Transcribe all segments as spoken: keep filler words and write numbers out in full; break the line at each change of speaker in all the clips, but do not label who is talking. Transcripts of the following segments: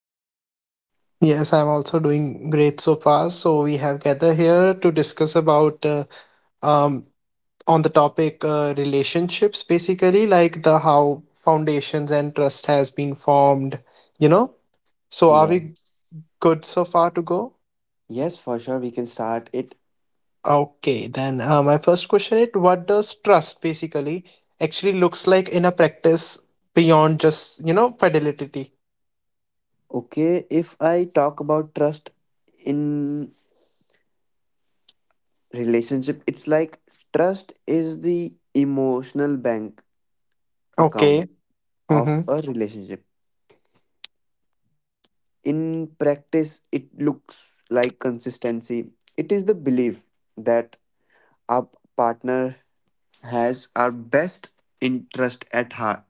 about you?
Yes, I'm also doing great so far. So, we have gathered here to discuss about uh, um on the topic uh, relationships basically like the how foundations and trust has been formed, you know? So, are
Yeah.
we good so far to go?
Yes, for sure, we can start it.
Okay, then uh, my first question is what does trust basically actually looks like in a practice beyond just, you know, fidelity?
Okay, if I talk about trust in relationship, it's like trust is the emotional bank account
Okay.
of
Mm-hmm.
a relationship. In practice, it looks like consistency. It is the belief that our partner has our best interest at heart.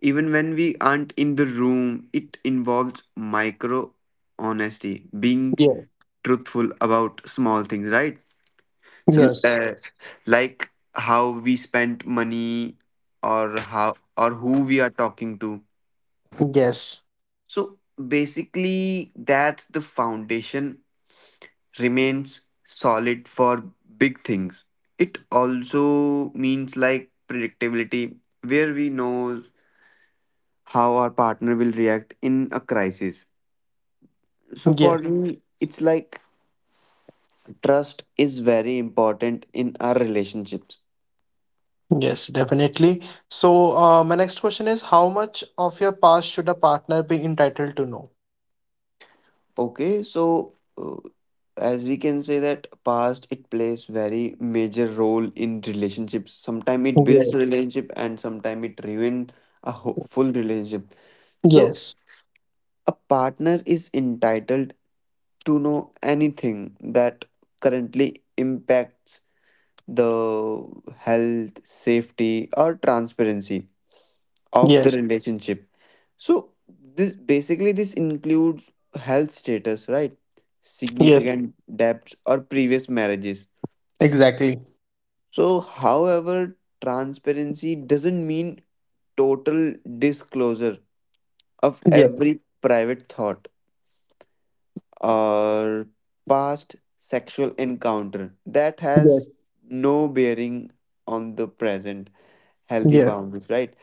Even when we aren't in the room, it involves micro honesty, being
Yeah.
truthful about small things, right? So,
Yes.
uh, like how we spent money, or how or who we are talking to.
Yes.
So basically, that's the foundation remains solid for big things. It also means like predictability, where we know how our partner will react in a crisis. So for
Yes.
me, it's like trust is very important in our relationships.
Yes, definitely. So, uh, my next question is how much of your past should a partner be entitled to know?
Okay, so uh, as we can say that past it plays very major role in relationships. Sometimes it builds a
Yes,
relationship and sometimes it ruin a ho- full relationship. So
yes,
a partner is entitled to know anything that currently impacts the health, safety, or transparency of the
yes,
relationship. So this basically this includes health status, right?
yes,
Significant debts or previous marriages.
exactly.
So however, transparency doesn't mean total disclosure of
Yes,
every private thought or past sexual encounter that
yes,
has no bearing on the present healthy
yes,
boundaries, right?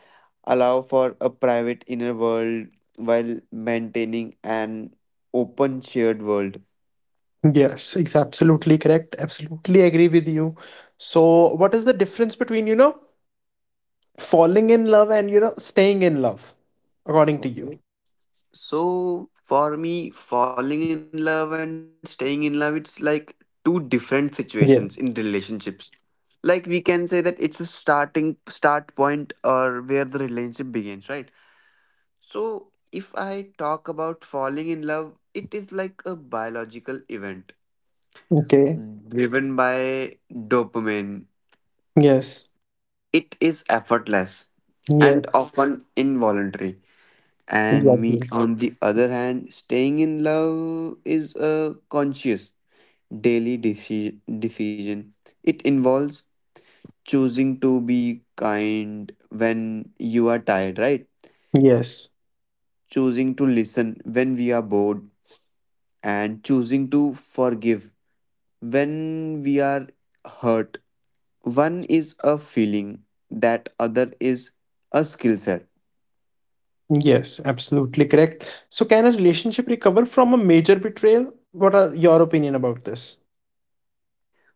Allow for a private inner world while maintaining an open shared world.
yes, it's absolutely correct. Absolutely agree with you. So, what is the difference between, you know, falling in love and, you know, staying in love, according to you?
Okay. So for me, falling in love and staying in love, it's like two different situations in
Yeah,
relationships. Like we can say that it's a starting start point or where the relationship begins, right? So if I talk about falling in love, it is like a biological event
okay.
driven by dopamine.
Yes,
It is effortless
yes,
and often involuntary. And me,
exactly.
on the other hand, staying in love is a conscious daily deci- decision. It involves choosing to be kind when you are tired, right?
Yes.
Choosing to listen when we are bored, and choosing to forgive when we are hurt. One is a feeling, that other is a skill set.
Yes, absolutely correct. So, can a relationship recover from a major betrayal? What are your opinion about this?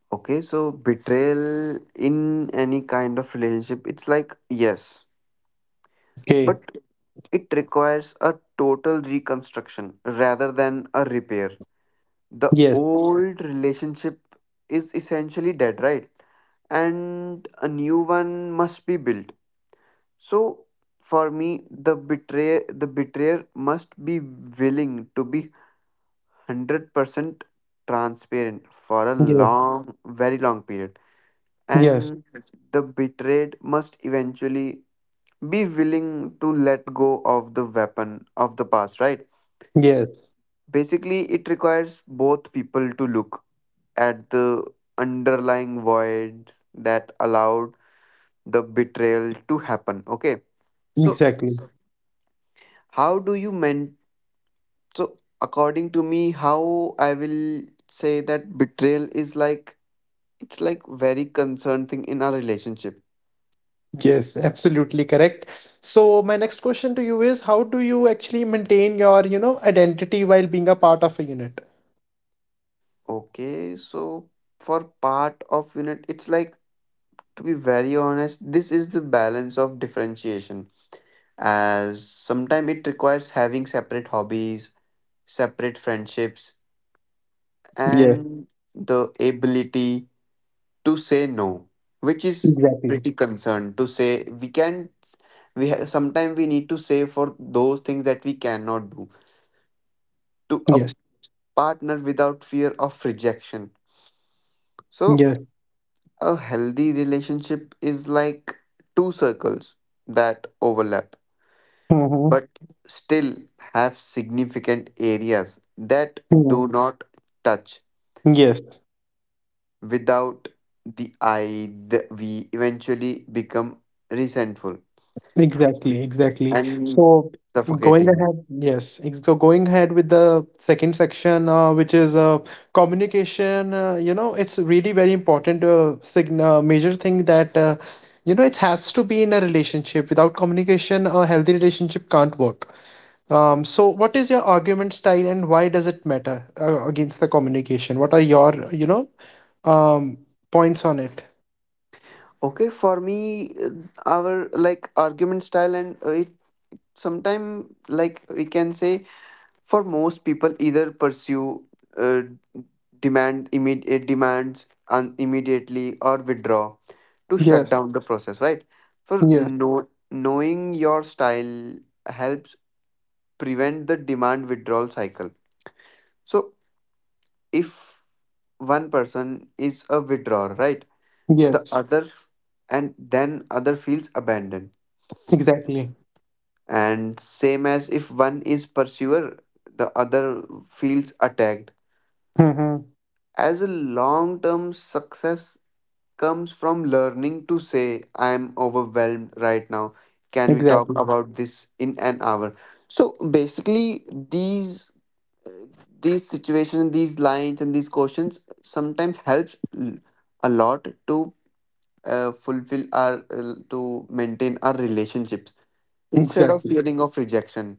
Okay, so betrayal in any kind of relationship, it's like yes,
Okay.
but it requires a total reconstruction rather than a repair. The
Yes.
old relationship is essentially dead, right, and a new one must be built. So for me, the betray the betrayer must be willing to be one hundred percent transparent for a
Yes.
long, very long period.
Yes.
And the betrayed must eventually be willing to let go of the weapon of the past, right?
Yes.
Basically, it requires both people to look at the underlying voids that allowed the betrayal to happen, okay? So,
Exactly.
how do you meant, so according to me, how I will say that betrayal is like, it's like very concerned thing in our relationship.
Yes, absolutely correct. So, my next question to you is, how do you actually maintain your, you know, identity while being a part of a unit?
Okay, so for part of unit, it's like, to be very honest, this is the balance of differentiation, as sometimes it requires having separate hobbies, separate friendships,
Yes.
and the ability to say no, which is
Exactly.
pretty concerned to say. We can, we have sometimes we need to say for those things that we cannot do to a
Yes.
partner without fear of rejection. So,
Yes.
a healthy relationship is like two circles that overlap
Mm-hmm.
but still have significant areas that do not touch.
Yes.
Without the I, the we eventually become resentful
Exactly, exactly.
and
So going
suffocating.
ahead, yes. ex- So going ahead with the second section, uh, which is uh, communication. Uh, you know, it's really very important. Uh, sign uh, major thing that uh, you know it has to be in a relationship. Without communication, a healthy relationship can't work. Um, so what is your argument style, and why does it matter uh, against the communication? What are your you know um points on it?
Okay, for me, uh, our like argument style and uh, it sometime like we can say, for most people, either pursue uh, demand immediate demands and immediately, or withdraw to shut
Yes,
down the process. Right? For
yes,
know, knowing your style helps prevent the demand withdrawal cycle. So if one person is a withdrawer, right, the
yes.
other f- and then other feels abandoned.
Exactly.
And same as if one is pursuer, the other feels attacked.
Mhm.
As a long term success comes from learning to say, I am overwhelmed right now. Can we talk
Exactly.
about this in an hour? So basically these these situations, these lines and these questions sometimes helps l- a lot to uh, fulfill our uh, to maintain our relationships instead of
Exactly.
feeling of rejection.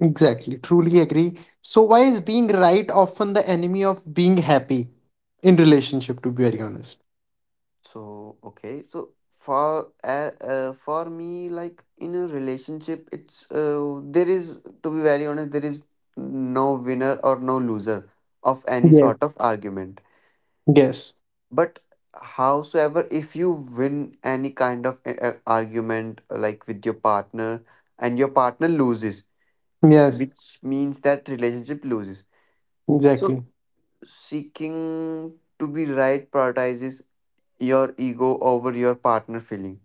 Exactly. Truly agree. So why is being right often the enemy of being happy in relationship, to be very honest?
So, okay. So for uh, uh, for me, like in a relationship, it's uh, there is to be very honest, there is no winner or no loser of any
Yes.
sort of argument.
Yes.
But howsoever, if you win any kind of a- a- argument, uh, like with your partner, and your partner loses,
Yes.
which means that relationship loses. So
Exactly.
seeking to be right prioritizes your ego over your partner feeling.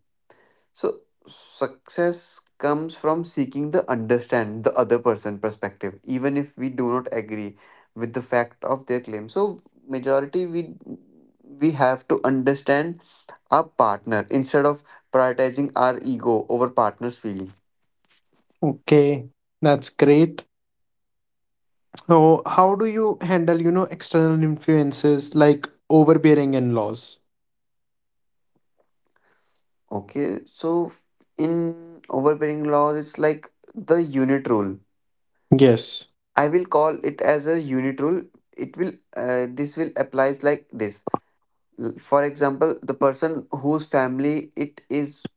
So success comes from seeking the understand the other person perspective, even if we do not agree with the fact of their claim. So majority we we have to understand our partner instead of prioritizing our ego over partner's feeling.
Okay. That's great. So how do you handle, you know, external influences like overbearing and laws?
Okay, so in overbearing laws, it's like the unit rule.
Yes.
I will call it as a unit rule. It will uh, This will applies like this. L- for example, the person whose family it is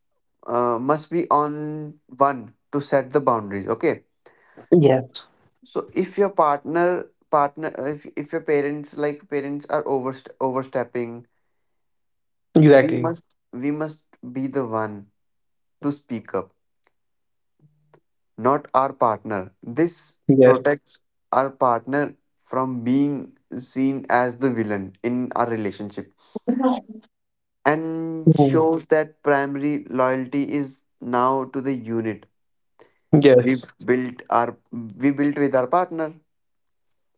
uh, must be on one to set the boundaries, okay.
Yes.
So if your partner partner uh, if, if your parents, like parents are overst- overstepping, we
Exactly.
must we must be the one to speak up, not our partner. This
Yes.
protects our partner from being seen as the villain in our relationship, and
Mm.
shows that primary loyalty is now to the unit
Yes.
we've built our we built with our partner.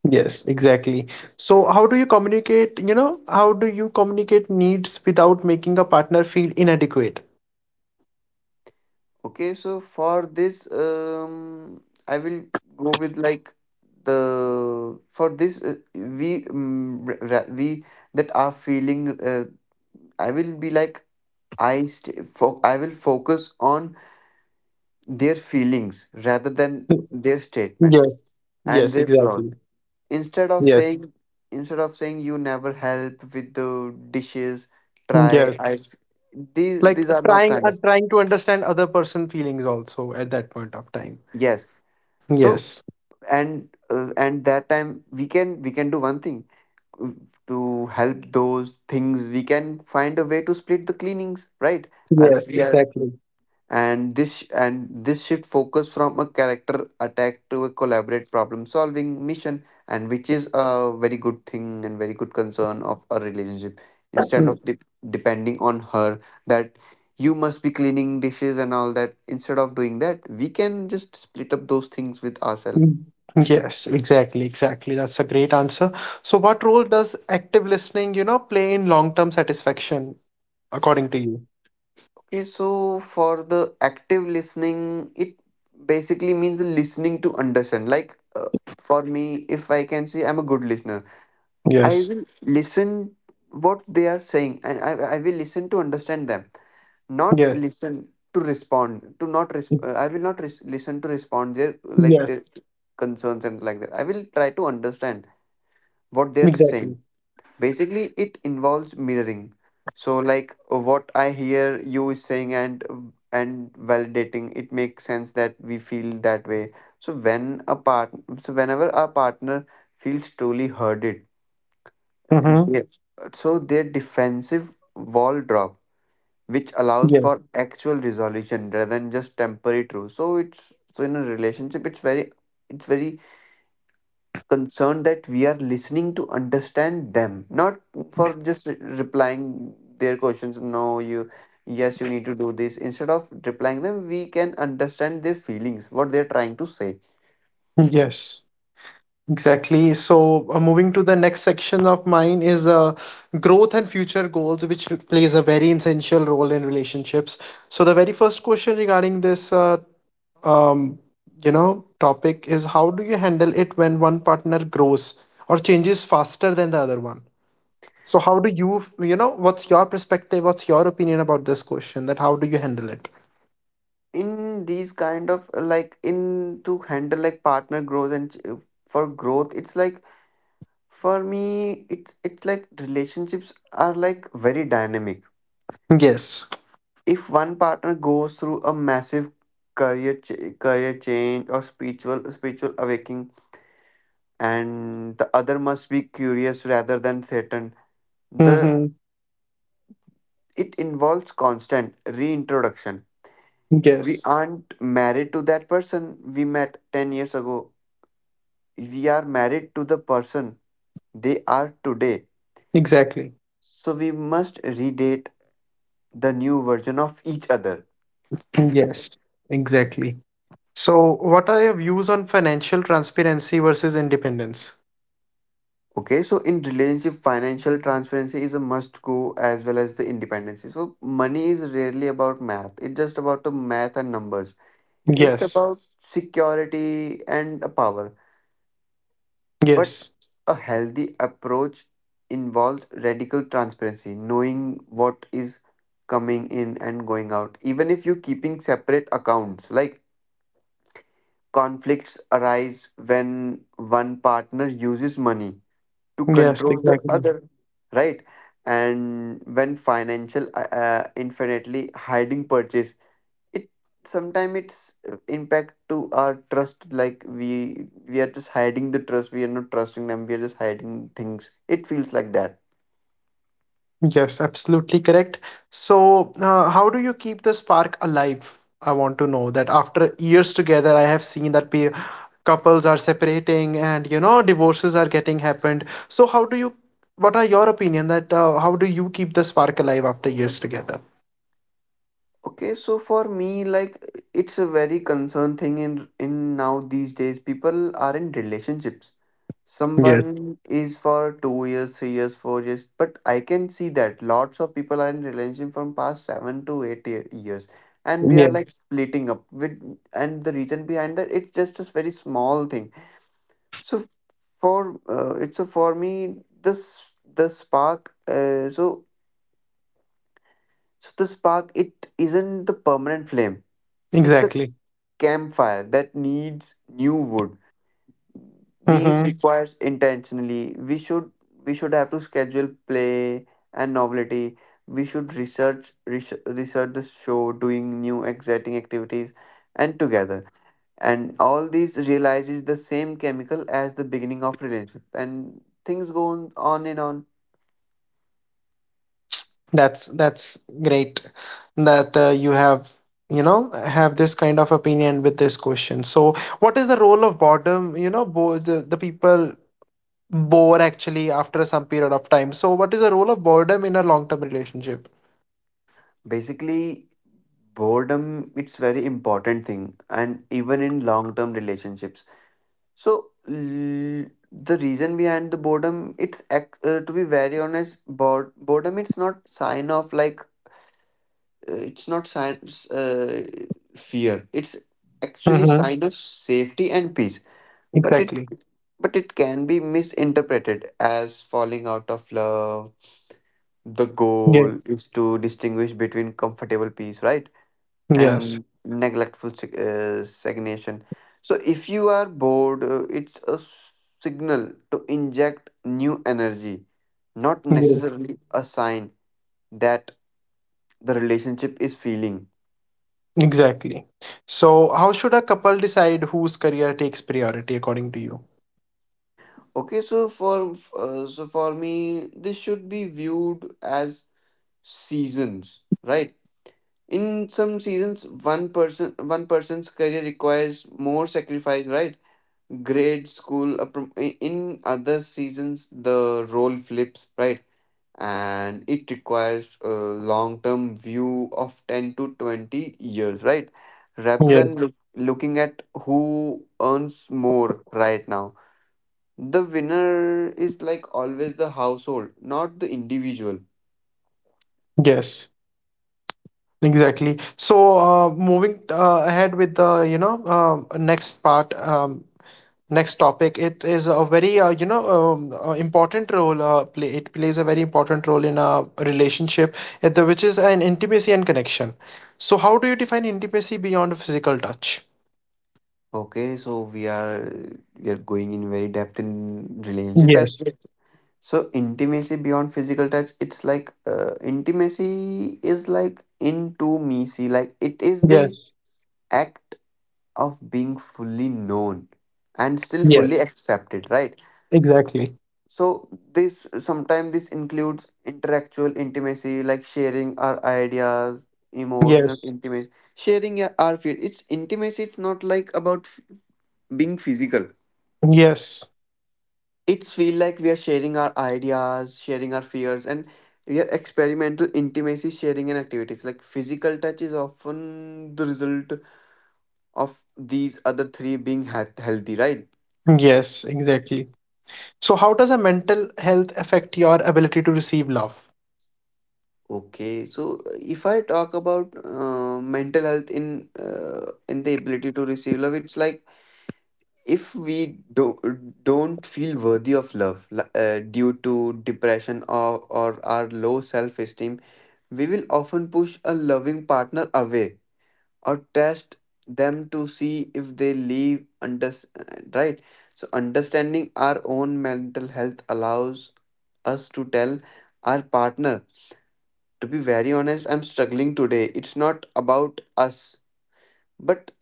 Yes, exactly. So how do you communicate, you know, how do you communicate needs without making a partner feel inadequate?
Okay, so for this, um I will go with like the for this, uh, we um, ra- ra- we that are feeling, uh, I will be like, i st- fo- I will focus on their feelings rather than
Mm,
their statement
Yes,
and
yes,
their flaws.
exactly.
instead of
Yes,
saying Instead of saying you never help with the dishes, try
yes.
I these
Like
these are not
trying
kind
uh,
of.
trying to understand other person feelings also at that point of time.
Yes. So
Yes.
and uh, and that time we can we can do one thing, uh, to help those things. We can find a way to split the cleanings, right? Uh,
Yes,
If we are,
exactly.
and this sh- and this shift focus from a character attack to a collaborate problem solving mission, and which is a very good thing and very good concern of a relationship. Instead of
Mm,
de- Depending on her that you must be cleaning dishes and all that, instead of doing that, we can just split up those things with ourselves.
mm. Yes, exactly, exactly. That's a great answer. So what role does active listening, you know, play in long-term satisfaction according to you?
Okay, so for the active listening, it basically means listening to understand. Like uh, for me, if I can say I'm a good listener, I
Yes.
will listen what they are saying, and I I will listen to understand them, not
Yes.
listen to respond. To not resp- uh, I will not res- listen to respond their like
Yes,
their concerns and like that. I will try to understand what they're
exactly.
saying. Basically it involves mirroring, so like what I hear you is saying, and and validating it makes sense that we feel that way. so when a part so whenever our partner feels truly hurted,
Mm-hmm.
they, so their defensive wall drop, which allows
Yeah.
for actual resolution rather than just temporary truth. So it's, so in a relationship it's very, it's very concerned that we are listening to understand them, not for just re- replying their questions. No, you, yes, you need to do this. Instead of replying them, we can understand their feelings, what they're trying to say.
Yes. Exactly. So, uh, moving to the next section of mine is uh, growth and future goals, which plays a very essential role in relationships. So, the very first question regarding this, uh, um, you know, topic is how do you handle it when one partner grows or changes faster than the other one? So, how do you, you know, what's your perspective? What's your opinion about this question? That how do you handle it?
In these kind of uh, like in to handle like partner growth and ch- uh, for growth, it's like for me, it's it's like relationships are like very dynamic.
Yes.
If one partner goes through a massive career ch- career change or spiritual spiritual awakening, and the other must be curious rather than threatened. The
Mm-hmm.
It involves constant reintroduction. We
Yes.
aren't married to that person we met ten years ago. We are married to the person they are today.
Exactly.
So we must redate the new version of each other.
Yes, exactly. So, what are your views on financial transparency versus independence?
Okay, so in relationship, financial transparency is a must go as well as the independency. So money is rarely about math. It's just about the math and numbers. It's
Yes,
about security and a power. But
yes,
a healthy approach involves radical transparency, knowing what is coming in and going out. Even if you're keeping separate accounts, like conflicts arise when one partner uses money to
yes,
control the
exactly.
other, right? And when financial uh, uh, infinitely hiding purchase, it sometimes it's uh, impact to our trust. Like we we are just hiding the trust, we are not trusting them, we are just hiding things, it feels like that.
Yes, absolutely correct. So, uh, how do you keep the spark alive? I want to know that after years together, I have seen that pe- couples are separating and you know divorces are getting happened. So, how do you? What are your opinion that uh, how do you keep the spark alive after years together?
Okay, so for me, like, it's a very concern thing in in now these days people are in relationships,
Yes,
someone is for two years, three years, four years, but I can see that lots of people are in relationship from past seven to eight year years, and they are
yes,
like splitting up with, and the reason behind that, it's just a very small thing. So for uh, it's a for me, this the spark uh, so so the spark it isn't the permanent flame. It's a
Exactly.
campfire that needs new wood. These
Mhm.
requires intentionally. We should we should have to schedule play and novelty. We should research research, research the show, doing new exciting activities, and together, and all these realizes the same chemical as the beginning of relationship and things go on, on and on
That's that's great that uh, you have you know have this kind of opinion with this question. So, what is the role of boredom? You know, bo- the the people bore actually after some period of time. So, what is the role of boredom in a long term relationship?
Basically, boredom it's very important thing, and even in long term relationships, so l- the reason behind the boredom it's ac- uh, to be very honest, bored, boredom it's not sign of like uh, it's not sign uh, fear. It's actually
Mm-hmm.
sign of safety and peace. But it
Exactly.
but it can be misinterpreted as falling out of love. The
Yes.
goal is to distinguish between comfortable peace, right,
Yes.
and neglectful sig- uh, stagnation. So if you are bored, uh, it's a s- signal to inject new energy, not
Yes.
necessarily a sign that the relationship is feeling.
Exactly. So, how should a couple decide whose career takes priority according to you?
Okay, so for uh, so for me, this should be viewed as seasons, right? In some seasons one person one person's career requires more sacrifice, right? grade school a prom- I- In other seasons the role flips, right, and it requires a long term view of ten to twenty years, right, rather
Yes.
than look, looking at who earns more right now. The winner is like always the household, not the individual.
Yes. Exactly. So, uh, moving uh, ahead with the, you know, um next part, um, next topic, it is a very, uh, you know, um, uh, important role. Uh, play, it plays a very important role in a relationship, at the, which is an intimacy and connection. So, how do you define intimacy beyond physical touch?
Okay, so we are we are going in very depth in relationship at
Yes.
so intimacy beyond physical touch it's like uh, intimacy is like into me see, like it is the
Yes.
act of being fully known and still
Yes.
fully accepted, right?
Exactly.
So this sometimes this includes intellectual intimacy like sharing our ideas, emotional
Yes.
intimacy, sharing your- our feel. It's intimacy. It's not like about f- being physical.
Yes.
It's feel like we are sharing our ideas, sharing our fears, and we are experimental intimacy, sharing and activities. Like physical touch is often the result of these other three being health- healthy, right?
Yes. Exactly. So, how does a mental health affect your ability to receive love?
Okay, so uh, if I talk about uh, mental health in uh, in the ability to receive love, it's like if we don't don't feel worthy of love li- uh, due to depression or or our low self esteem, we will often push a loving partner away, or test them to see if they leave under, right? So understanding our own mental health allows us to tell our partner, to be very honest, I'm struggling today. It's not about us, but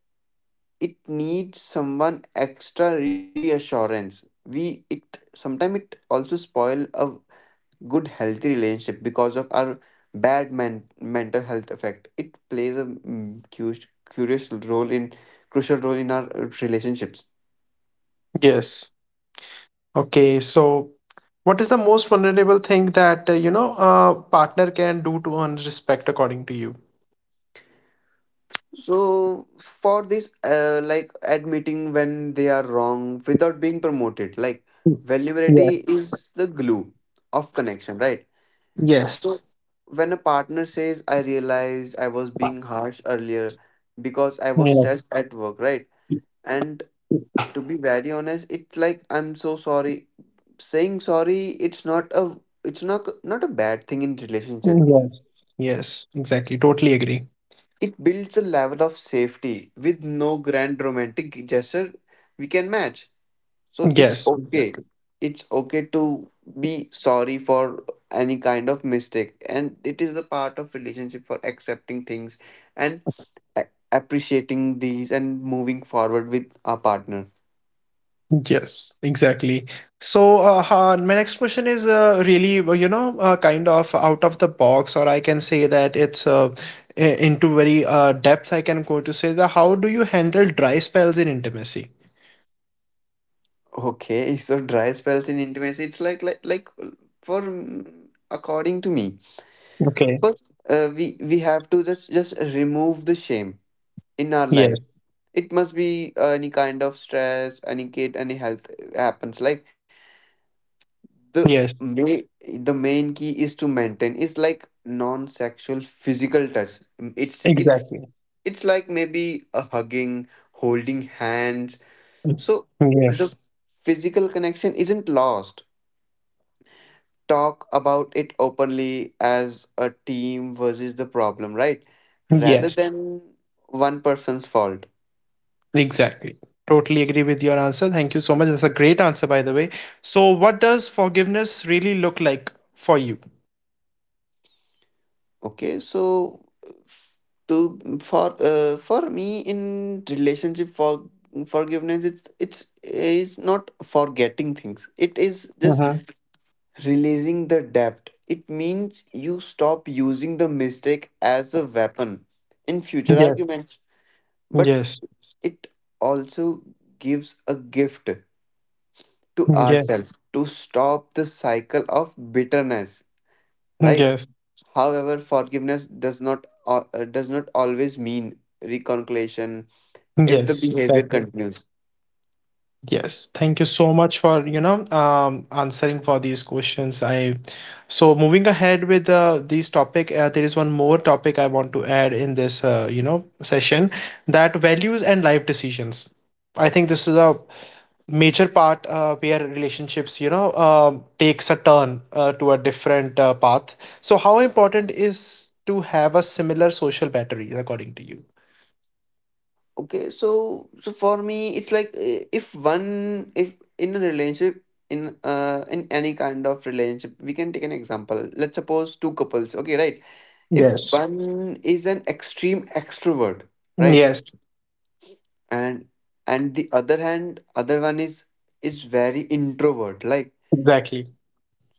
it needs someone extra reassurance. We, it sometimes it also spoil a good healthy relationship because of our bad men- mental health effect. It plays a mm, curious, curious role in crucial role in our uh, relationships.
Yes. Okay, so what is the most vulnerable thing that uh, you know a partner can do to earn respect according to you?
So for this, uh, like admitting when they are wrong without being promoted, like vulnerability
Yes.
is the glue of connection, right?
Yes.
So when a partner says, I realized I was being harsh earlier because I was
Yes.
stressed at work, right, and to be very honest, it's like, I'm so sorry. Saying sorry, it's not a, it's not not a bad thing in relationship.
Yes. Yes, exactly. Totally agree.
It builds a level of safety. With no grand romantic gesture, we can match. So it's
Yes,
okay.
Exactly.
It's okay to be sorry for any kind of mistake, and it is the part of relationship for accepting things, and a- appreciating these and moving forward with our partner.
yes, exactly. So, uh, ha- my next question is uh, really, uh, you know, uh, kind of out of the box, or I can say that it's uh, i- into very uh, depth. I can go to say that how do you handle dry spells in intimacy?
Okay, so dry spells in intimacy, it's like like like for mm, according to me,
Okay.
first, uh, we we have to just just remove the shame in our life.
Yes.
It must be uh, any kind of stress, any kid, any health uh, happens. Like the
Yes,
main the main key is to maintain is like non-sexual physical touch. Mm, It's it's
exactly.
it's like maybe a hugging, holding hands. So
Yes,
the physical connection isn't lost. Talk about it openly as a team versus the problem, right? Rather
yes,
than one person's fault.
exactly. Totally agree with your answer. Thank you so much. That's a great answer, by the way. So, what does forgiveness really look like for you?
Okay, so f- to for uh, for me in relationship for forgiveness, it's it's is not forgetting things. It is just
Mm-hmm.
releasing the debt. It means you stop using the mistake as a weapon in future
Yes,
arguments, but
yes,
it also gives a gift to
yes,
ourselves to stop the cycle of bitterness, right?
yes,
However, forgiveness does not al- uh, does not always mean reconciliation if the
yes,
behavior
exactly.
continues.
Yes, thank you so much for you know um, answering for these questions. I So moving ahead with uh, this topic, uh, there is one more topic I want to add in this uh, you know session that values and life decisions. I think this is a major part uh, where relationships you know uh, takes a turn uh, to a different uh, path. So how important is to have a similar social battery according to you?
Okay, so so for me, it's like uh, if one if in a relationship, in uh in any kind of relationship, we can take an example. Let's suppose two couples. Okay, right. If
Yes.
one is an extreme extrovert, right,
Yes.
and and the other hand other one is is very introvert, like,
Exactly.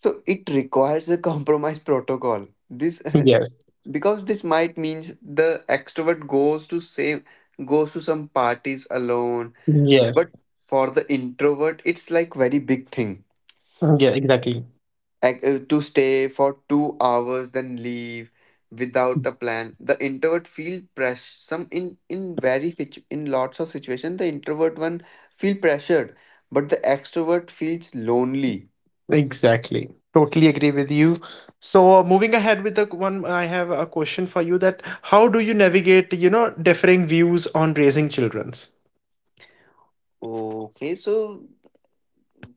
so it requires a compromise protocol this
Yes.
because this might means the extrovert goes to same goes to some parties alone,
Yes.
but for the introvert it's like very big thing
Yeah. Exactly.
ac- uh, to stay for two hours then leave without a plan. The introvert feel pressure. Some in in very situ- in lots of situation, the introvert one feel pressured, but the extrovert feels lonely.
Exactly. Totally agree with you. So, uh, moving ahead with the one, I have a question for you that how do you navigate, you know, differing views on raising children's?
Okay, so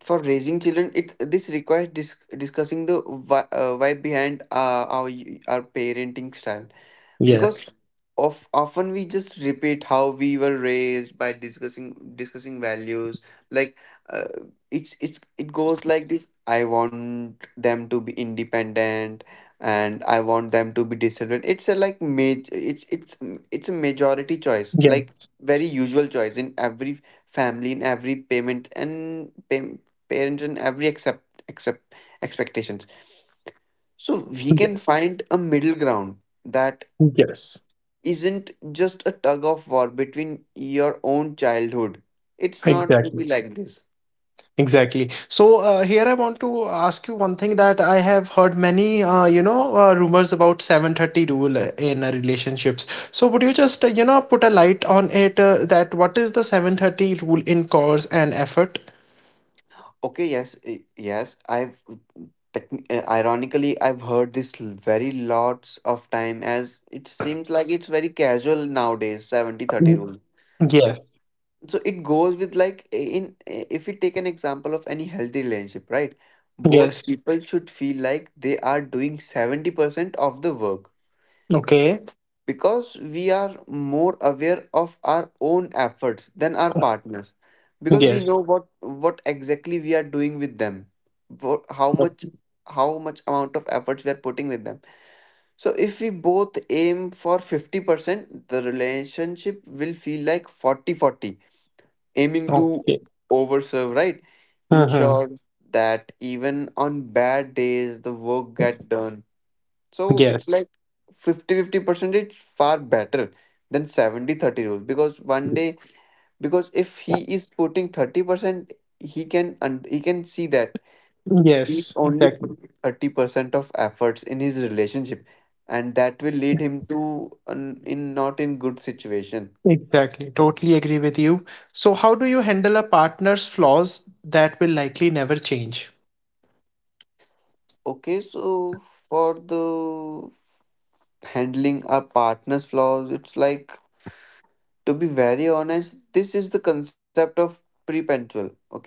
for raising children, it this requires dis- discussing the why, uh, why behind uh, our our parenting style, because
Yes,
of often we just repeat how we were raised, by discussing discussing values like, uh, it's it's it goes like this. I want them to be independent, and I want them to be disciplined. It's a like major, it's it's it's a majority choice,
yes,
like very usual choice in every family, in every payment and pay, parents, and every accept accept expectations. So we can
yes,
find a middle ground that
yes.
isn't just a tug of war between your own childhood. It's not to be
Exactly.
like this.
Exactly. So uh, here I want to ask you one thing that I have heard many, uh, you know, uh, rumors about 730 rule uh, in uh, relationships. So would you just, uh, you know, put a light on it uh, that what is the 730 rule in cause and effort?
Okay, yes, i- yes. I've techni- uh, ironically I've heard this l- very lots of time, as it seems like it's very casual nowadays. Seventy thirty
Mm,
rule.
Yes,
So it goes with like i- in i- if we take an example of any healthy relationship, right?
yes.
Both people should feel like they are doing seventy percent of the work,
Okay.
because we are more aware of our own efforts than our partners, because we
Yes.
know what what exactly we are doing with them, what, how
But-
much how much amount of efforts we are putting with them. So if we both aim for fifty percent, the relationship will feel like forty forty. Aiming to
Okay.
overserve, right,
Uh-huh.
ensure that even on bad days the work get done. So it's
Yes.
like fifty-fifty fifty percentage far better than seventy-thirty thirty rule, because one day, because if he is putting thirty percent, he can, and he can see that he's
Yes.
only
Exactly.
putting thirty percent of efforts in his relationship, and that will lead him to an, in not in good situation.
Exactly. Totally agree with you. So, how do you handle a partner's flaws that will likely never change?
Okay, so for the handling our partner's flaws, it's like, to be very honest, this is the concept of perpetual, okay,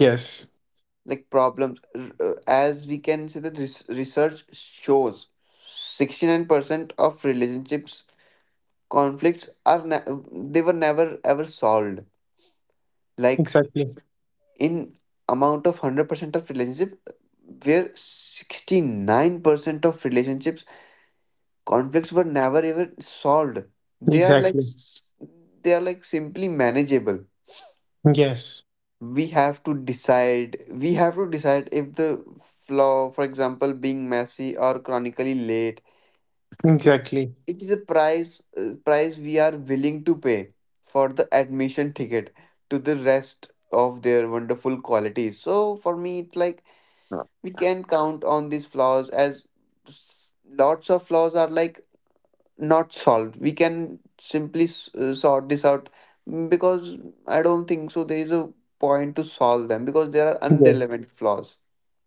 Yes.
like problems, r- uh, as we can say that res- research shows sixty-nine percent of relationships conflicts are ne- they were never ever solved, like
Exactly.
in amount of one hundred percent of relationship where sixty-nine percent of relationships conflicts were never ever solved. They are like
Exactly.
s- they are like simply manageable.
Yes.
We have to decide we have to decide if the flaw, for example being messy or chronically late, it,
Exactly.
it is a price uh, price we are willing to pay for the admission ticket to the rest of their wonderful qualities. So for me it's like we can count on these flaws as s- lots of flaws are like not solved. We can simply s- uh, sort this out, mm, because I don't think so there is a point to solve them, because there are
Yes.
unrelevant flaws.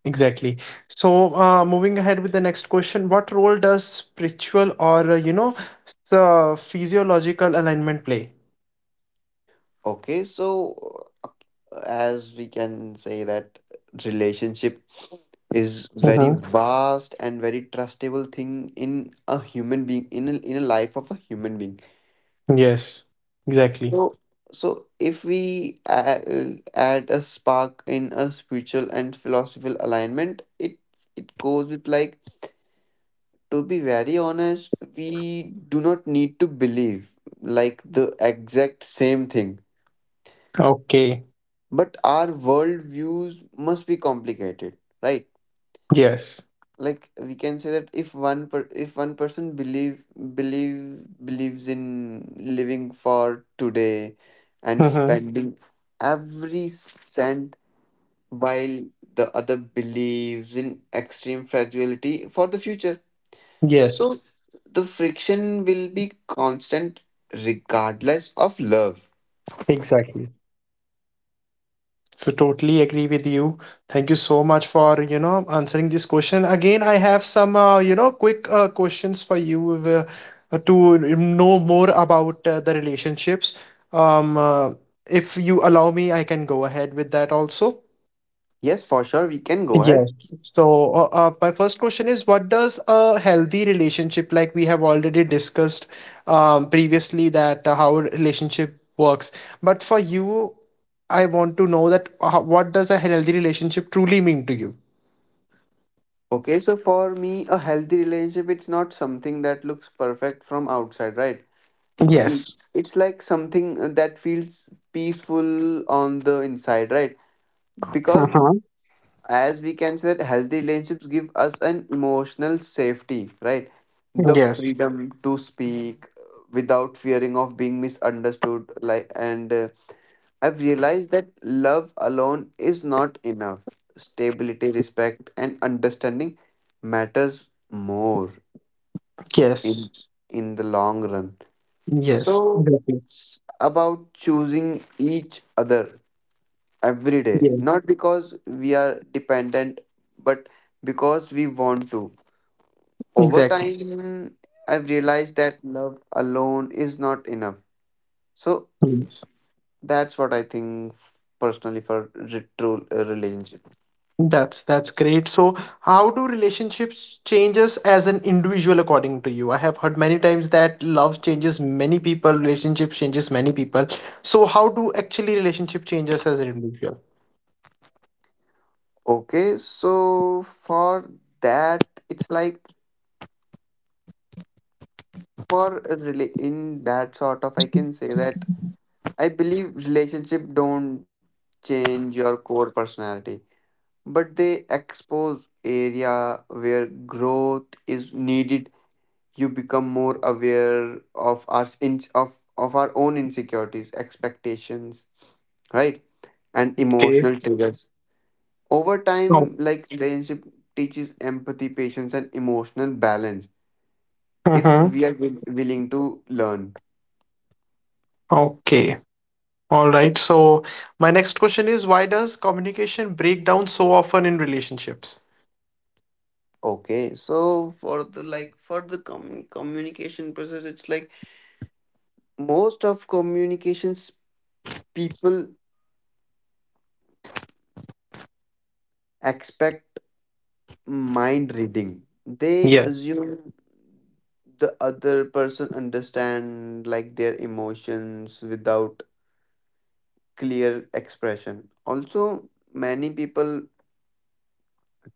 Exactly. So, uh, moving ahead with the next question, what role does spiritual or uh, you know, s- uh, physiological alignment play?
Okay, so uh, as we can say that relationship is very
Mm-hmm.
vast and very trustable thing in a human being, in a, in a life of a human being.
Yes. Exactly.
So so if we add, add a spark in a spiritual and philosophical alignment, it it goes with like, to be very honest, we do not need to believe like the exact same thing.
Okay.
But our world views must be complicated, right?
Yes.
Like we can say that if one per if one person believe believe believes in living for today and
Mm-hmm.
spending every cent, while the other believes in extreme fragility for the future.
Yes,
So the friction will be constant regardless of love.
exactly. So totally agree with you. Thank you so much for, you know, answering this question. Again, I have some, uh, you know, quick uh, questions for you uh, uh, to know more about uh, the relationships. Um, uh, if you allow me, I can go ahead with that also.
Yes, for sure, we can go ahead.
Yes. So, uh, uh, my first question is, what does a healthy relationship, like we have already discussed um, previously, that uh, how a relationship works. But for you, I want to know that uh, what does a healthy relationship truly mean to you?
Okay, so for me, a healthy relationship, it's not something that looks perfect from outside, right? Uh,
Yes.
it's like something that feels peaceful on the inside, right? Because
Uh-huh.
as we can say that healthy relationships give us an emotional safety, right? The
Yes.
freedom to speak uh, without fearing of being misunderstood, like, and uh, I've realized that love alone is not enough. Stability, respect, and understanding matters more
Yes.
in in the long run.
Yes.
So
Exactly.
it's about choosing each other every day,
Yes.
not because we are dependent, but because we want to. Over
Exactly.
time, I've realized that love alone is not enough. So
Yes.
that's what I think f- personally for re- true uh, relationship.
That's that's great. So, how do relationships changes as an individual according to you? I have heard many times that love changes many people, relationships changes many people. So, how do actually relationship changes as an individual?
Okay, so for that, it's like for a rela- in that sort of, I can say that I believe relationship don't change your core personality, but they expose area where growth is needed. You become more aware of our in of of our own insecurities, expectations, right, and
Okay.
emotional triggers. Over
Oh,
time, like relationship teaches empathy, patience, and emotional balance if
mhm.
we are will- willing to learn.
okay. All right. So, my next question is why does communication break down so often in relationships?
Okay, so for the like for the com- communication process, it's like most of communications people expect mind reading. They
Yes.
assume the other person understand like their emotions without clear expression. Also, many people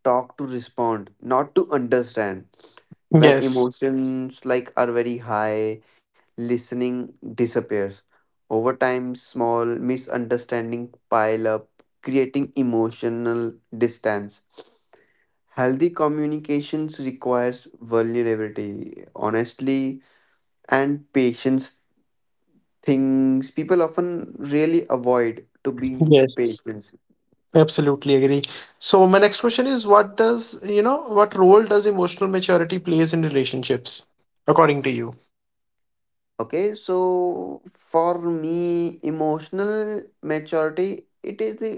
talk to respond, not to understand. When
Yes.
emotions like are very high, listening disappears. Over time small misunderstanding pile up, creating emotional distance. Healthy communications requires vulnerability, honestly, and patience, things people often really avoid to be
Yes.
patient.
Absolutely agree. So my next question is what does, you know, what role does emotional maturity plays in relationships according to you?
Okay, so for me emotional maturity, it is the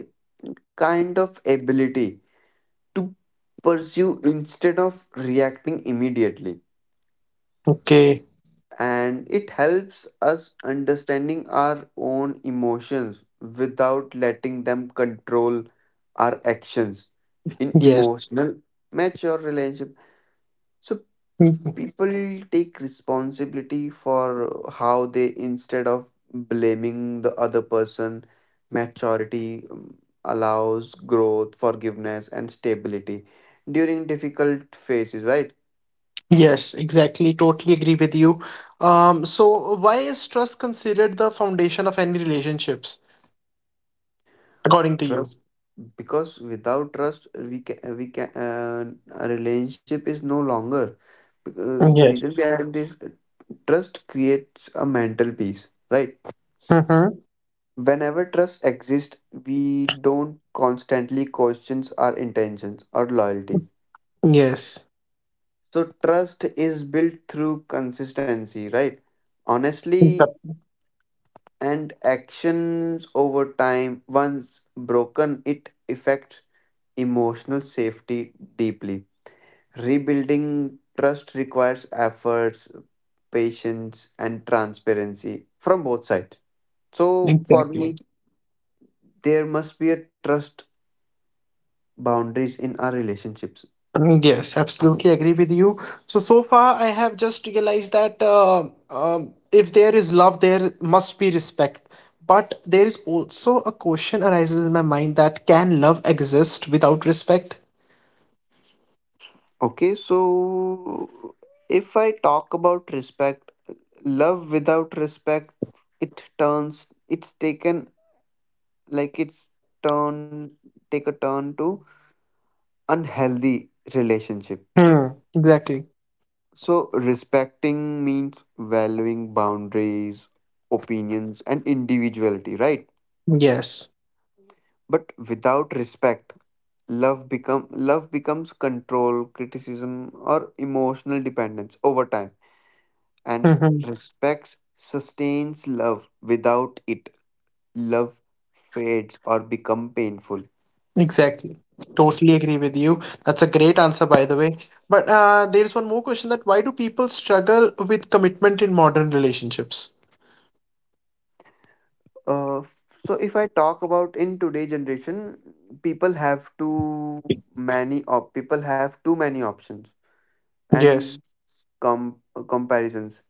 kind of ability pursue instead of reacting immediately,
Okay.
and it helps us understanding our own emotions without letting them control our actions. In
Yes.
emotional mature relationship, so
Mhm.
people take responsibility for how they instead of blaming the other person. Maturity um, allows growth, forgiveness, and stability during difficult phases, right?
Yes, exactly. Totally agree with you. Um, so why is trust considered the foundation of any relationships according to you?
Because without trust we can we can uh, a relationship is no longer. Uh, the
Yes.
reason behind this, trust creates a mental peace, right?
Mm-hmm.
Whenever trust exists, we don't constantly question our intentions or loyalty.
Yes.
So trust is built through consistency, right,
Exa-
honestly, and actions over time. Once broken, it affects emotional safety deeply. Rebuilding trust requires efforts, patience, and transparency from both sides. So, for me,
Exactly.
there must be a trust boundaries in our relationships.
Mm, Yes, absolutely agree with you. So, so far, I have just realized that uh, um, if there is love, there must be respect. But there is also a question arises in my mind that can love exist without respect?
Okay, so if I talk about respect, love without respect, it turns, it's taken like it's turn, take a turn to unhealthy relationship.
Hmm. Exactly.
So, respecting means valuing boundaries, opinions, and individuality, right?
Yes.
But without respect, love become love becomes control, criticism, or emotional dependence over time. And
hmm
respect sustains love. Without it, love fades or become painful.
Exactly. Totally agree with you. That's a great answer, by the way. But uh, there's one more question that why do people struggle with commitment in modern relationships?
Uh, so if I talk about in today generation, people have too many op people have too many options
Yes.
and com- comparisons.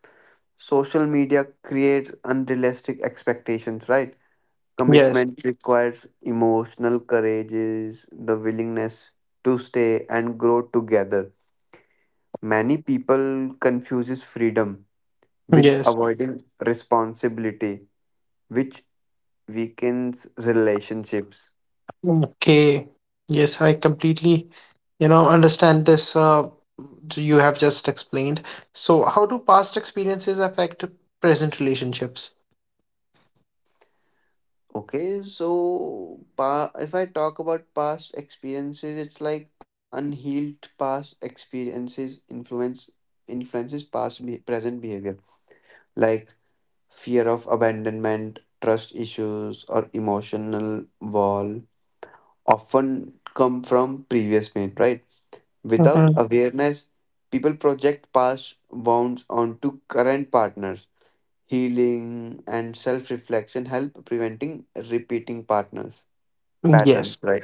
Social media creates unrealistic expectations, right?
Yes.
Commitment requires emotional courage, is the willingness to stay and grow together. Many people confuses freedom with
Yes.
avoiding responsibility, which weakens relationships.
Okay. Yes, I completely, you know, understand this uh you have just explained. So how do past experiences affect present relationships?
Okay, so pa- if I talk about past experiences, it's like unhealed past experiences influence influences past be- present behavior, like fear of abandonment, trust issues, or emotional wall often come from previous pain, right? Without
Mm-hmm.
awareness, people project past wounds onto current partners. Healing and self-reflection help preventing repeating partners
Yes.
patterns, right?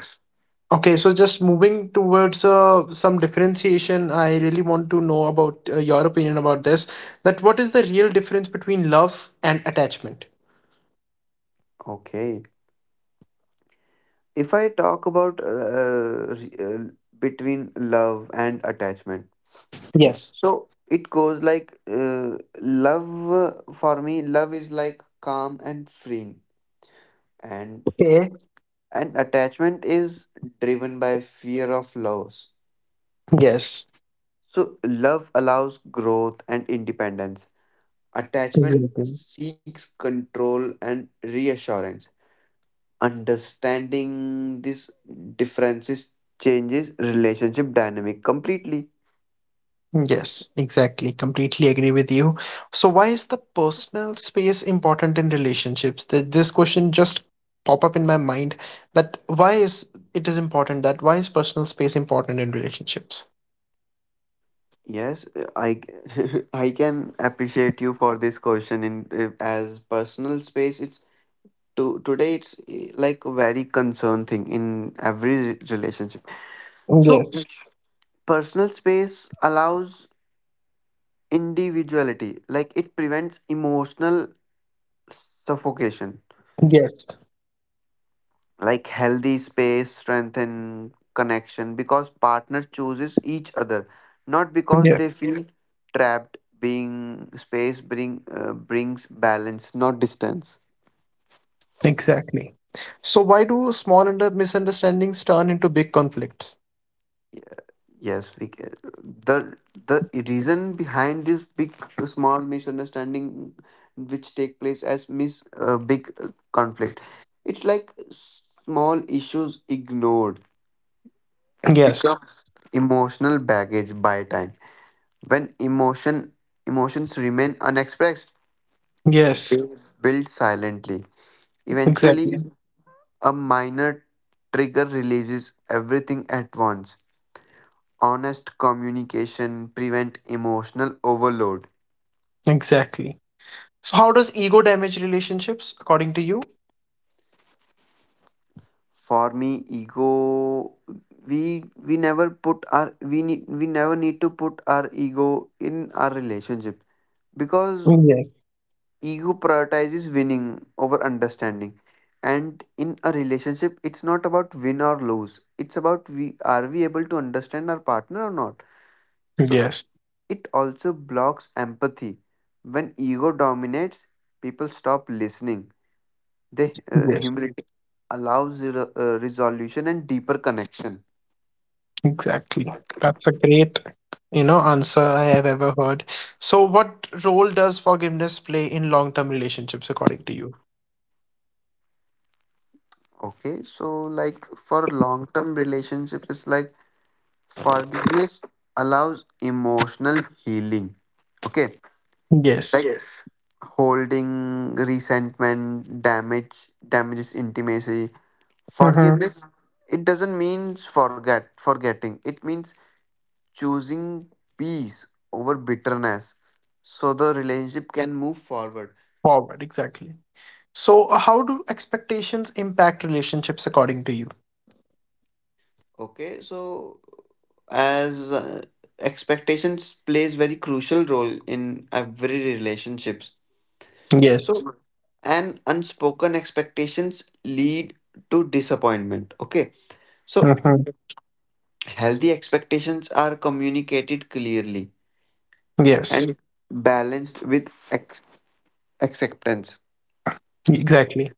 Okay, so just moving towards uh, some differentiation, I really want to know about uh, your opinion about this. That what is the real difference between love and attachment?
Okay, if I talk about uh, re- uh, between love and attachment,
Yes.
so it goes like uh, love uh, for me love is like calm and freeing, and
Okay.
and attachment is driven by fear of loss.
Yes.
So love allows growth and independence, attachment
Exactly.
seeks control and reassurance. Understanding these differences changes relationship dynamic completely.
Yes, exactly. Completely agree with you. So why is the personal space important in relationships? Th- This question just pop up in my mind that why is it is important that why is personal space important in relationships?
Yes, I I can appreciate you for this question. In uh, As personal space, it's to today it's eh, like a very concern thing in every re- relationship. So
Yes.
personal space allows individuality, like it prevents emotional suffocation.
Yes.
Like healthy space strengthen connection because partner chooses each other, not because
Yes.
they feel, yeah, trapped. Being space bring uh, brings balance, not distance.
Exactly. So why do small under misunderstandings turn into big conflicts?
Yes, we, ca- the the reason behind this big small misunderstanding which take place as mis uh, big uh, conflict, it's like small issues ignored
Yes.
becomes emotional baggage by time. When emotion emotions remain unexpressed,
Yes.
they build silently. Eventually,
Exactly.
a minor trigger releases everything at once. Honest communication prevent emotional overload.
Exactly. So how does ego damage relationships according to you?
For me, ego, we we never put our we need we never need to put our ego in our relationship because
Yes.
ego prioritizes winning over understanding, and in a relationship it's not about win or lose, it's about we are we able to understand our partner or not. So
Yes.
it also blocks empathy. When ego dominates, people stop listening. They uh,
Yes.
humility allows re- uh, resolution and deeper connection.
Exactly. That's a great, you know, answer I have ever heard. So what role does forgiveness play in long-term relationships according to you?
Okay, so like for long term relationships, it's like forgiveness allows emotional healing. Okay. Like,
Yes.
yes, holding resentment, damage, damages intimacy.
Mm-hmm.
Forgiveness, mhm, it doesn't mean forget, forgetting. It means choosing peace over bitterness, so the relationship can move forward.
Forward, exactly. So how do expectations impact relationships according to you?
Okay, so as uh, expectations plays very crucial role in every relationships.
Yes.
So, and unspoken expectations lead to disappointment. Okay, so
Mm-hmm.
healthy expectations are communicated clearly
Yes.
and balanced with ex- acceptance.
Exactly.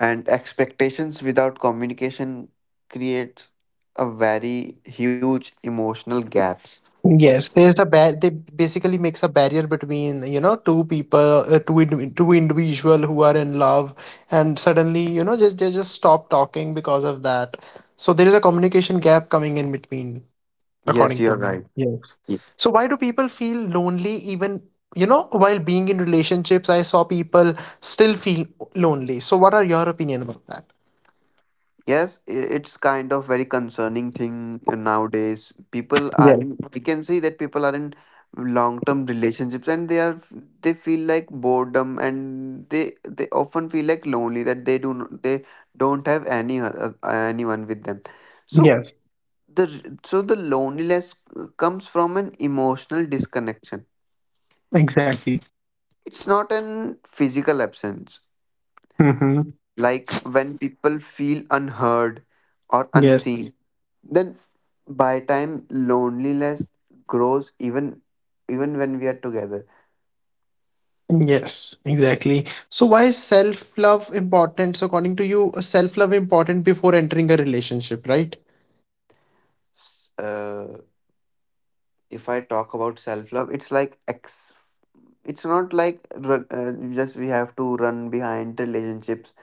And expectations without communication creates a very huge emotional gaps.
Yes, there's the bar- they basically makes a barrier between you know two people, uh, two indi- two individual who are in love, and suddenly you know just they just stop talking because of that. So there is a communication gap coming in between,
Yes,
according to
you're
me.
right.
Yeah. So why do people feel lonely even you know while being in relationships? I saw people still feel lonely. So what are your opinion about that?
Yes, i- it's kind of very concerning thing nowadays. People are
Yes.
in, we can say that people are in long-term relationships, and they are, f- they feel like boredom, and they, they often feel like lonely, that they do, not they don't have any, oth- uh, anyone with them. So
Yes.
the, r- so the loneliness uh, comes from an emotional disconnection.
Exactly.
It's not an physical absence.
Mm-hmm.
Like when people feel unheard or
Yes.
unseen, then by time loneliness grows even even when we are together.
Yes, exactly. So why is self-love important? So according to you, uh, self-love important before entering a relationship, right?
S- Uh, if I talk about self love, it's like ex. It's not like run, uh, just we have to run behind relationships.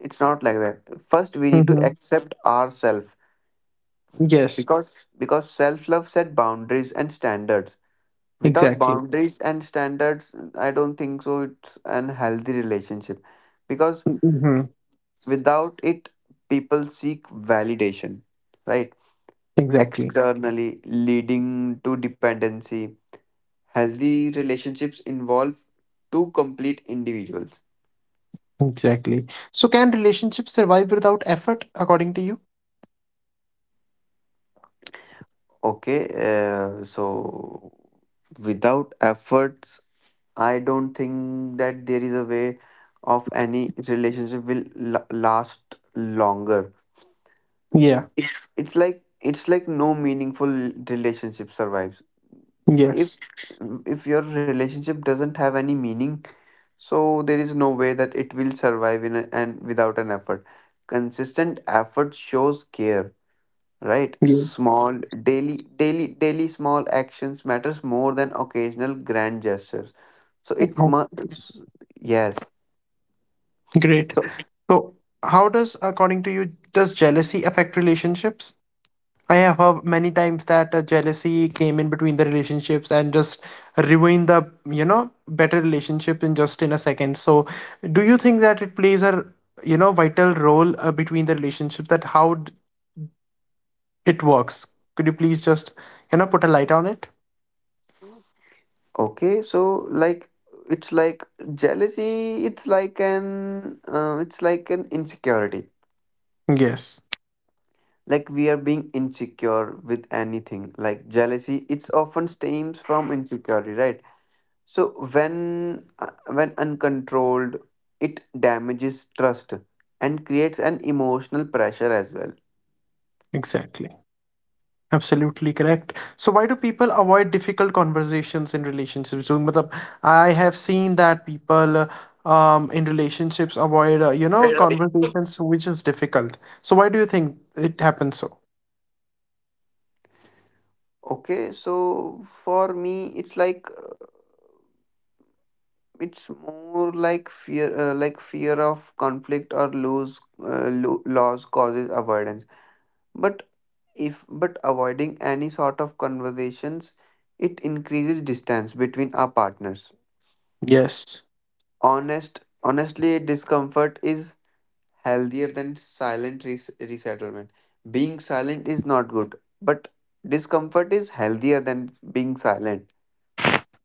It's not like that. First, we need to
Hmm.
accept ourselves
Yes,
because because self love set boundaries and standards. Without
exactly.
boundaries and standards, I don't think so. It's an healthy relationship. Because
Hmm.
without it, people seek validation, right?
Exactly.
Externally, leading to dependency. Healthy relationships involve two complete individuals.
Exactly. So can relationships survive without effort, according to you?
Okay, uh, so without efforts, I don't think that there is a way of any relationship will la- last longer.
Yeah.
It's it's like it's like no meaningful relationship survives. If
Yes.
if your relationship doesn't have any meaning, so there is no way that it will survive in a, and without an effort, consistent effort shows care, right?
Yes.
Small daily daily daily small actions matters more than occasional grand gestures. So it
Oh,
must, yes.
great.
So
So how does, according to you, does jealousy affect relationships? I have heard many times that uh, jealousy came in between the relationships and just ruined the, you know, better relationship in just in a second. So, do you think that it plays a, you know, vital role uh, between the relationship that how d- it works? Could you please just, you know, put a light on it?
okay, so like it's like jealousy, it's like an uh, it's like an insecurity,
Yes,
like we are being insecure with anything. Like jealousy, it's often stems from insecurity, right? So when uh, when uncontrolled, it damages trust and creates an emotional pressure as well.
exactly. Absolutely correct. So why do people avoid difficult conversations in relationships? So, matlab, I have seen that people uh, um, in relationships avoid uh, you
Right,
know
right.
conversations which is difficult. So why do you think it happens so?
Okay, so for me it's like it's more like fear uh, like fear of conflict or lose uh, lo- loss causes avoidance. But if but avoiding any sort of conversations, it increases distance between our partners.
Yes.
Honest honestly, discomfort is healthier than silent res- resettlement. Being silent is not good, but discomfort is healthier than being silent.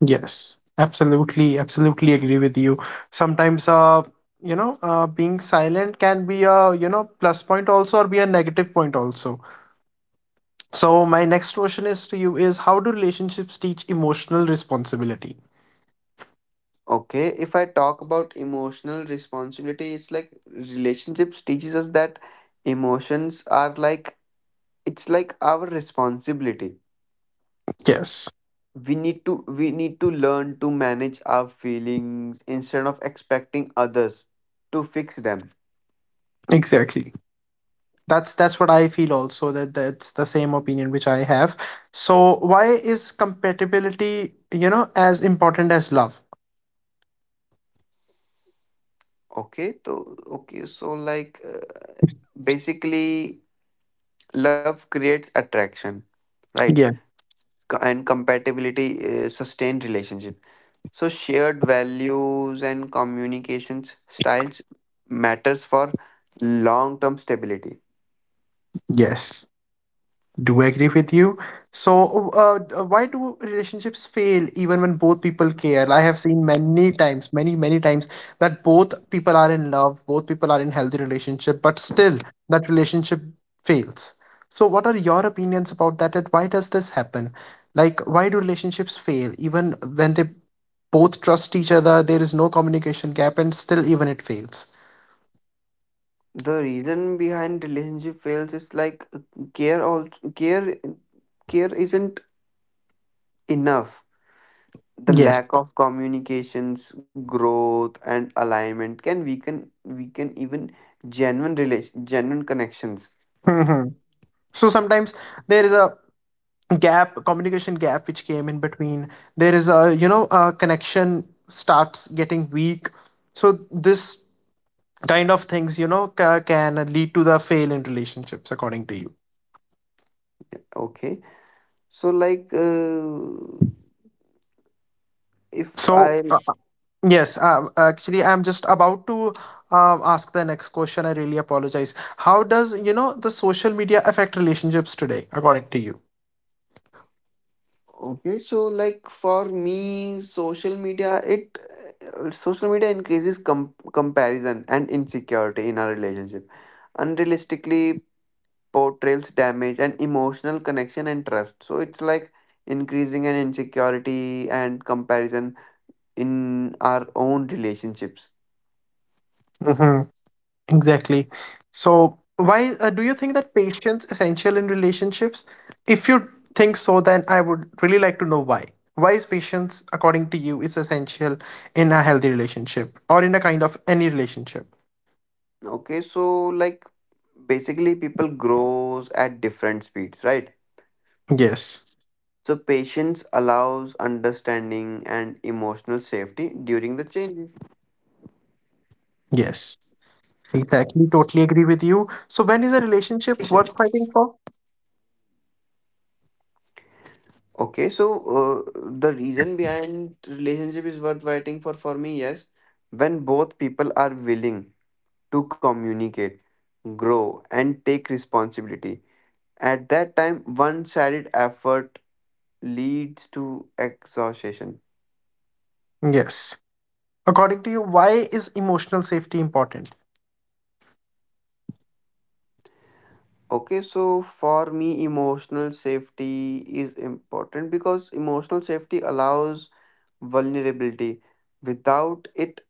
Yes. Absolutely. Absolutely agree with you. Sometimes uh you know uh, being silent can be a you know plus point also or be a negative point also. So my next question is to you is how do relationships teach emotional responsibility?
Okay, if I talk about emotional responsibility, it's like relationships teaches us that emotions are like it's like our responsibility.
Yes.
We need to we need to learn to manage our feelings instead of expecting others to fix them.
Exactly. That's that's what I feel also, that that's the same opinion which I have. So why is compatibility, you know, as important as love?
Okay so okay so like uh, basically love creates attraction, right?
Yeah.
Co- and compatibility uh, sustained relationship, so shared values and communications styles matters for long term stability.
Yes. Do agree with you. So, uh, d- uh, why do relationships fail even when both people care? I have seen many times, many, many times that both people are in love, both people are in healthy relationship, but still that relationship fails. So, what are your opinions about that? And why does this happen? Like, why do relationships fail even when they both trust each other? There is no communication gap, and still even it fails.
The reason behind relationship fails is like uh, care also care, care isn't enough. The
Yes.
lack of communications, growth, and alignment can weaken weaken even genuine relation, genuine connections.
Hmm. So sometimes there is a gap communication gap which came in between, there is a you know a connection starts getting weak, so this kind of things you know ca- can lead to the fail in relationships according to you.
Okay, so like uh, if
so uh,
I
yes uh, actually I'm just about to um, ask the next question. I really apologize. How does you know the social media affect relationships today according to you?
okay, so like for me, social media it uh, social media increases com- comparison and insecurity in a relationship. Unrealistically portrays damage and emotional connection and trust. So it's like increasing an insecurity and comparison in our own relationships.
Hmm. Exactly. So, why uh, do you think that patience essential in relationships? If you think so, then I would really like to know why. Why is patience, according to you, is essential in a healthy relationship or in a kind of any relationship?
Okay, so like basically people grows at different speeds, right?
Yes.
So patience allows understanding and emotional safety during the changes.
Yes. Exactly. Totally agree with you. So, when is a relationship worth fighting for?
Okay, so uh, the reason behind relationship is worth waiting for for me, yes, when both people are willing to communicate, grow, and take responsibility. At that time, one sided effort leads to exhaustion.
Yes. According to you, why is emotional safety important?
Okay, so for me, emotional safety is important because emotional safety allows vulnerability. Without it,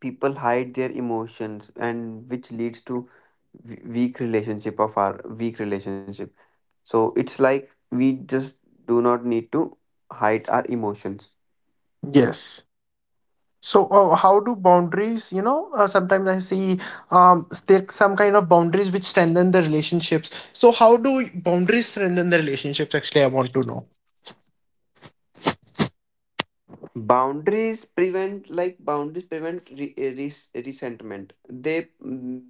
people hide their emotions, and which leads to w- weak relationship of our weak relationship. So it's like we just do not need to hide our emotions.
Yes. So, uh, how do boundaries, you know, uh, sometimes I see um, there some kind of boundaries which strengthen the relationships. So, how do boundaries strengthen the relationships? Actually, I want to know.
Boundaries prevent like boundaries prevents re- eh, res- resentment. they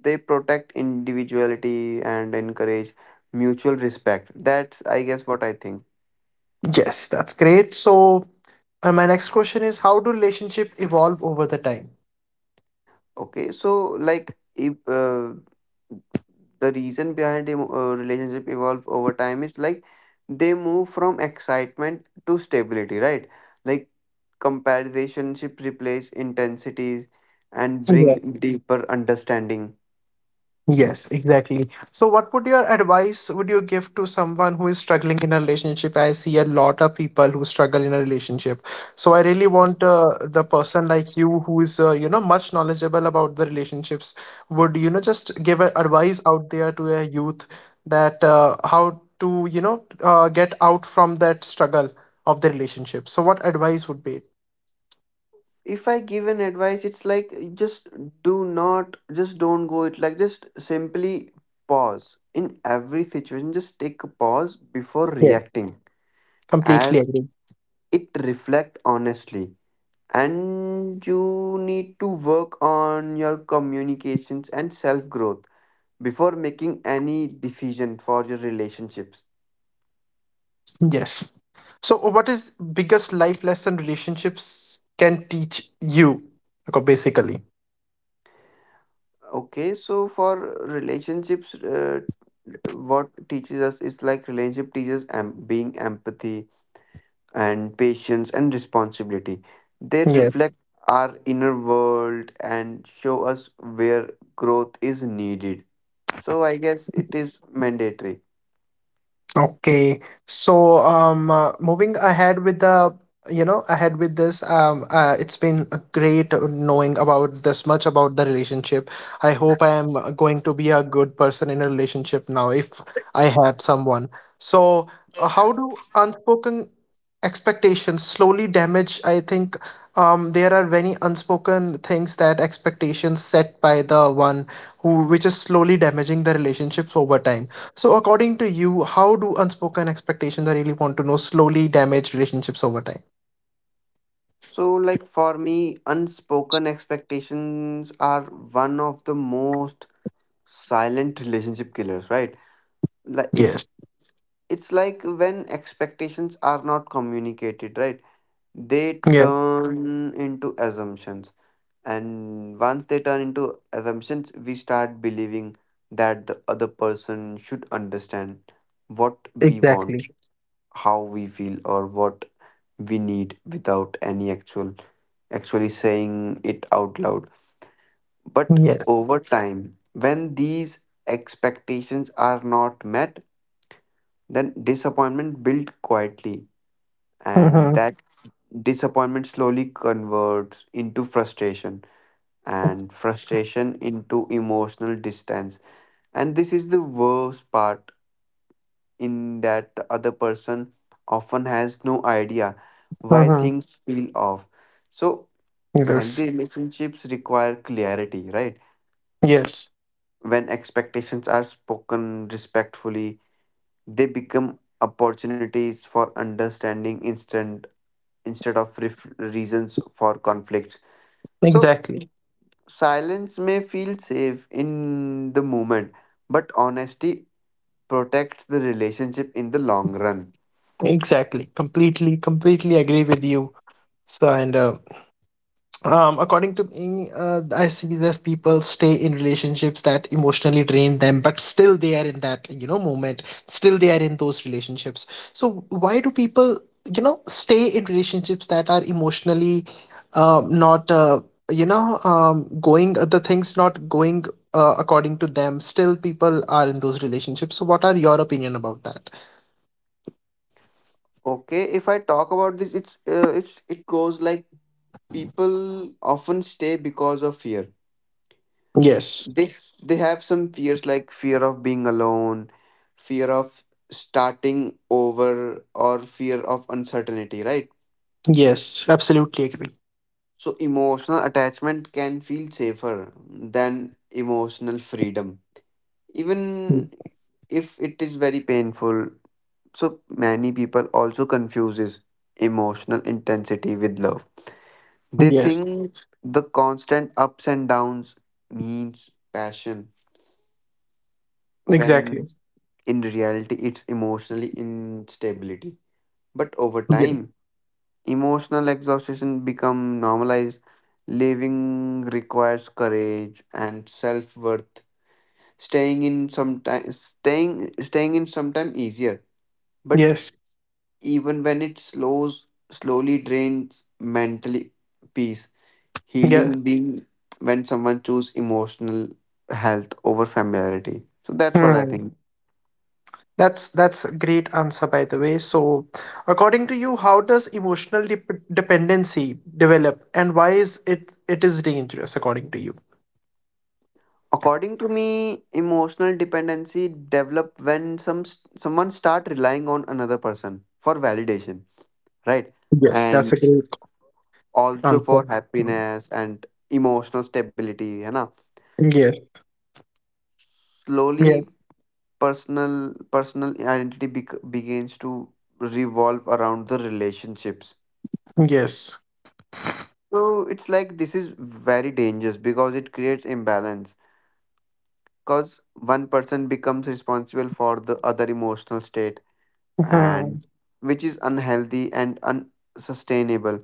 they protect individuality and encourage mutual respect. That's I guess what I think.
Yes, that's great. So, uh, my next question is how do relationship evolve over the time?
Okay, so like if uh, the reason behind em- uh, relationship evolve over time is like they move from excitement to stability, right? Like comparison replace intensities and bring
Yeah.
deeper understanding.
Yes, exactly. So, what would your advice would you give to someone who is struggling in a relationship? I see a lot of people who struggle in a relationship. So, I really want uh, the person like you who is uh, you know much knowledgeable about the relationships would you know just give a advice out there to a youth that uh, how to you know uh, get out from that struggle of the relationship. So, what advice would be?
If I give an advice, it's like just do not, just don't go it. Like just simply pause in every situation. Just take a pause before
Yes,
reacting,
completely
as
agree.
it reflect honestly. And you need to work on your communications and self growth before making any decision for your relationships.
Yes. So, what is biggest life lesson relationships can teach you? Okay, basically.
Okay, so for relationships, uh, what teaches us is like relationship teaches em- being empathy and patience and responsibility. They
Yes.
reflect our inner world and show us where growth is needed. So I guess it is mandatory.
Okay. So, um, uh, moving ahead with the, you know, ahead with this, um, uh, it's been a great uh, knowing about this much about the relationship. I hope I am uh, going to be a good person in a relationship now if I had someone. So, uh, how do unspoken expectations slowly damage? I think, um, there are many unspoken things that expectations set by the one who, which is slowly damaging the relationships over time. So, according to you, how do unspoken expectations I really want to know slowly damage relationships over time?
So like for me, unspoken expectations are one of the most silent relationship killers, right? Like
Yes.
it's it's like when expectations are not communicated, right? They
Yeah.
turn into assumptions, and once they turn into assumptions, we start believing that the other person should understand what we
Exactly.
want, how we feel, or what we need without any actual actually saying it out loud. But
Yes.
over time, when these expectations are not met, then disappointment builds quietly,
Mm-hmm.
and that disappointment slowly converts into frustration, and frustration into emotional distance. And this is the worst part, in that the other person often has no idea why
Mm-hmm.
things feel off. So
Yes.
healthy relationships require clarity, right?
Yes.
When expectations are spoken respectfully, they become opportunities for understanding instant instead of ref- reasons for conflicts. So,
Exactly.
silence may feel safe in the moment, but honesty protects the relationship in the long run.
Exactly. Completely. Completely agree with you. So and uh, Um, according to me, uh, I see this people stay in relationships that emotionally drain them, but still they are in that, you know, moment. Still they are in those relationships. So why do people, you know, stay in relationships that are emotionally uh, not, uh, you know, um, going, uh, the things not going uh, according to them. Still people are in those relationships. So what are your opinion about that?
Okay, if I talk about this, it's uh, it's it goes like people often stay because of fear.
Yes.
They they have some fears, like fear of being alone, fear of starting over, or fear of uncertainty, right?
Yes. Absolutely agree.
So emotional attachment can feel safer than emotional freedom,
Mm.
even if it is very painful. So many people also confuses emotional intensity with love. They
Yes.
think the constant ups and downs means passion, when
Exactly.
in reality it's emotionally instability. But over
Yes.
time, emotional exhaustion become normalized. Living requires courage and self-worth. Staying in sometime staying staying in sometime easier, but
Yes.
even when it slows slowly drains mentally peace, healing
Yes.
being, when someone choose emotional health over familiarity. So that's what I
Hmm.
think.
That's that's a great answer, by the way. So, according to you, how does emotional dep- dependency develop, and why is it it is dangerous, according to you?
According to me, emotional dependency develop when some someone start relying on another person for validation, right,
Yes, that's a
and
great
also
answer.
for
Mm.
happiness and emotional stability है ना.
Yes,
Slowly,
yes,
personal personal identity bec- begins to revolve around the relationships.
yes.
So it's like this is very dangerous because it creates imbalance, because one person becomes responsible for the other emotional state, and
Mhm.
which is unhealthy and unsustainable.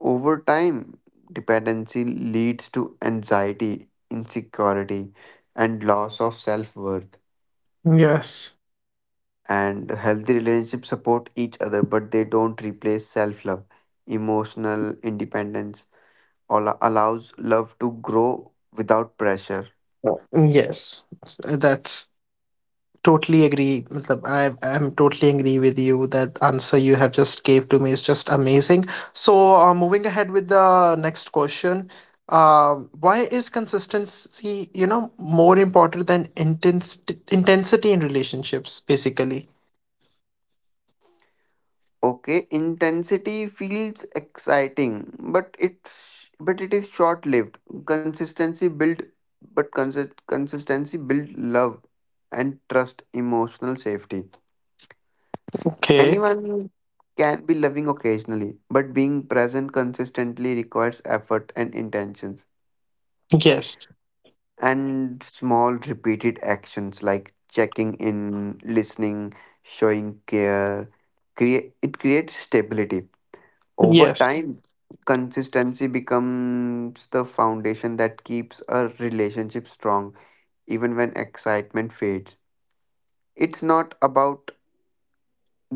Over time, dependency leads to anxiety, insecurity, and loss of self-worth.
Yes.
And healthy relationships support each other, but they don't replace self-love. Emotional independence all allows love to grow without pressure.
Uh, yes. S- That's Totally agree. Matlab, I am totally agree with you. That answer you have just gave to me is just amazing. So, uh, moving ahead with the next question, uh, why is consistency, you know, more important than intensity intensity in relationships, basically?
Okay, intensity feels exciting, but it's but it is short-lived. Consistency build, but consist, consistency build love and trust, emotional safety.
Okay.
Anyone can be loving occasionally, but being present consistently requires effort and intentions.
Yes.
And small repeated actions like checking in, listening, showing care, create it creates stability over
Yes.
time. Consistency becomes the foundation that keeps a relationship strong even when excitement fades. It's not about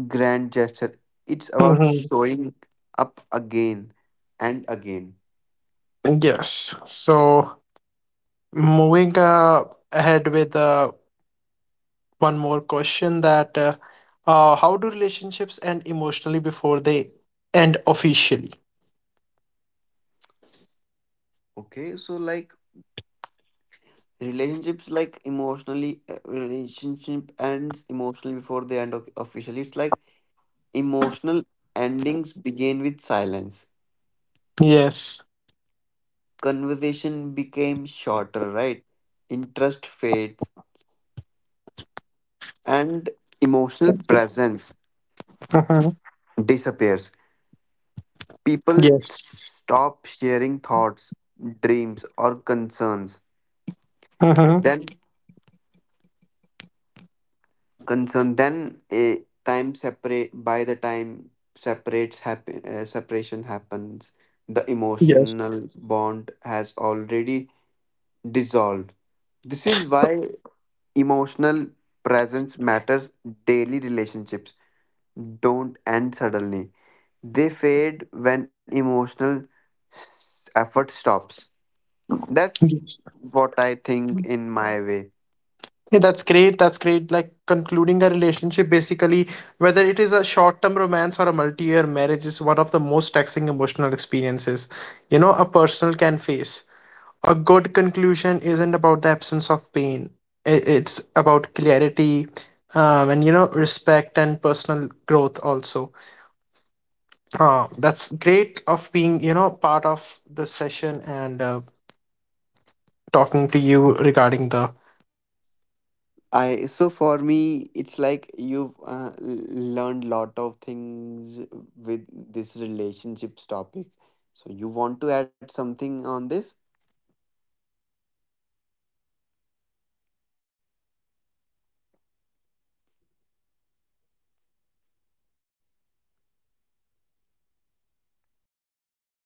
grand gesture, it's about
Mm-hmm.
showing up again and again.
Yes. So, moving uh, ahead with uh, one more question, that uh, uh, how do relationships end emotionally before they end officially?
Okay, so like relationships like emotionally uh, relationship ends emotionally before they end o- officially. It's like emotional endings begin with silence.
Yes.
Conversation became shorter, right? Interest fades, and emotional presence
Mhm.
disappears. People
Yes.
stop sharing thoughts, dreams, or concerns.
Mhm.
Then concern then a time separate by the time separates happen uh, separation happens, the
Yes.
emotional bond has already dissolved. This is why emotional presence matters daily. Relationships don't end suddenly, they fade when emotional s- effort stops. That's
Yes.
what I think in my way.
Yeah, that's great. That's great. Like concluding a relationship, basically, whether it is a short term romance or a multi year marriage, is one of the most taxing emotional experiences, you know, a person can face. A good conclusion isn't about the absence of pain. I- It's about clarity, um, and you know, respect and personal growth also. Uh, that's great of being, you know, part of the session and uh, talking to you regarding the
I so for me it's like you've uh, l- learned lot of things with this relationships topic. So you want to add something on this?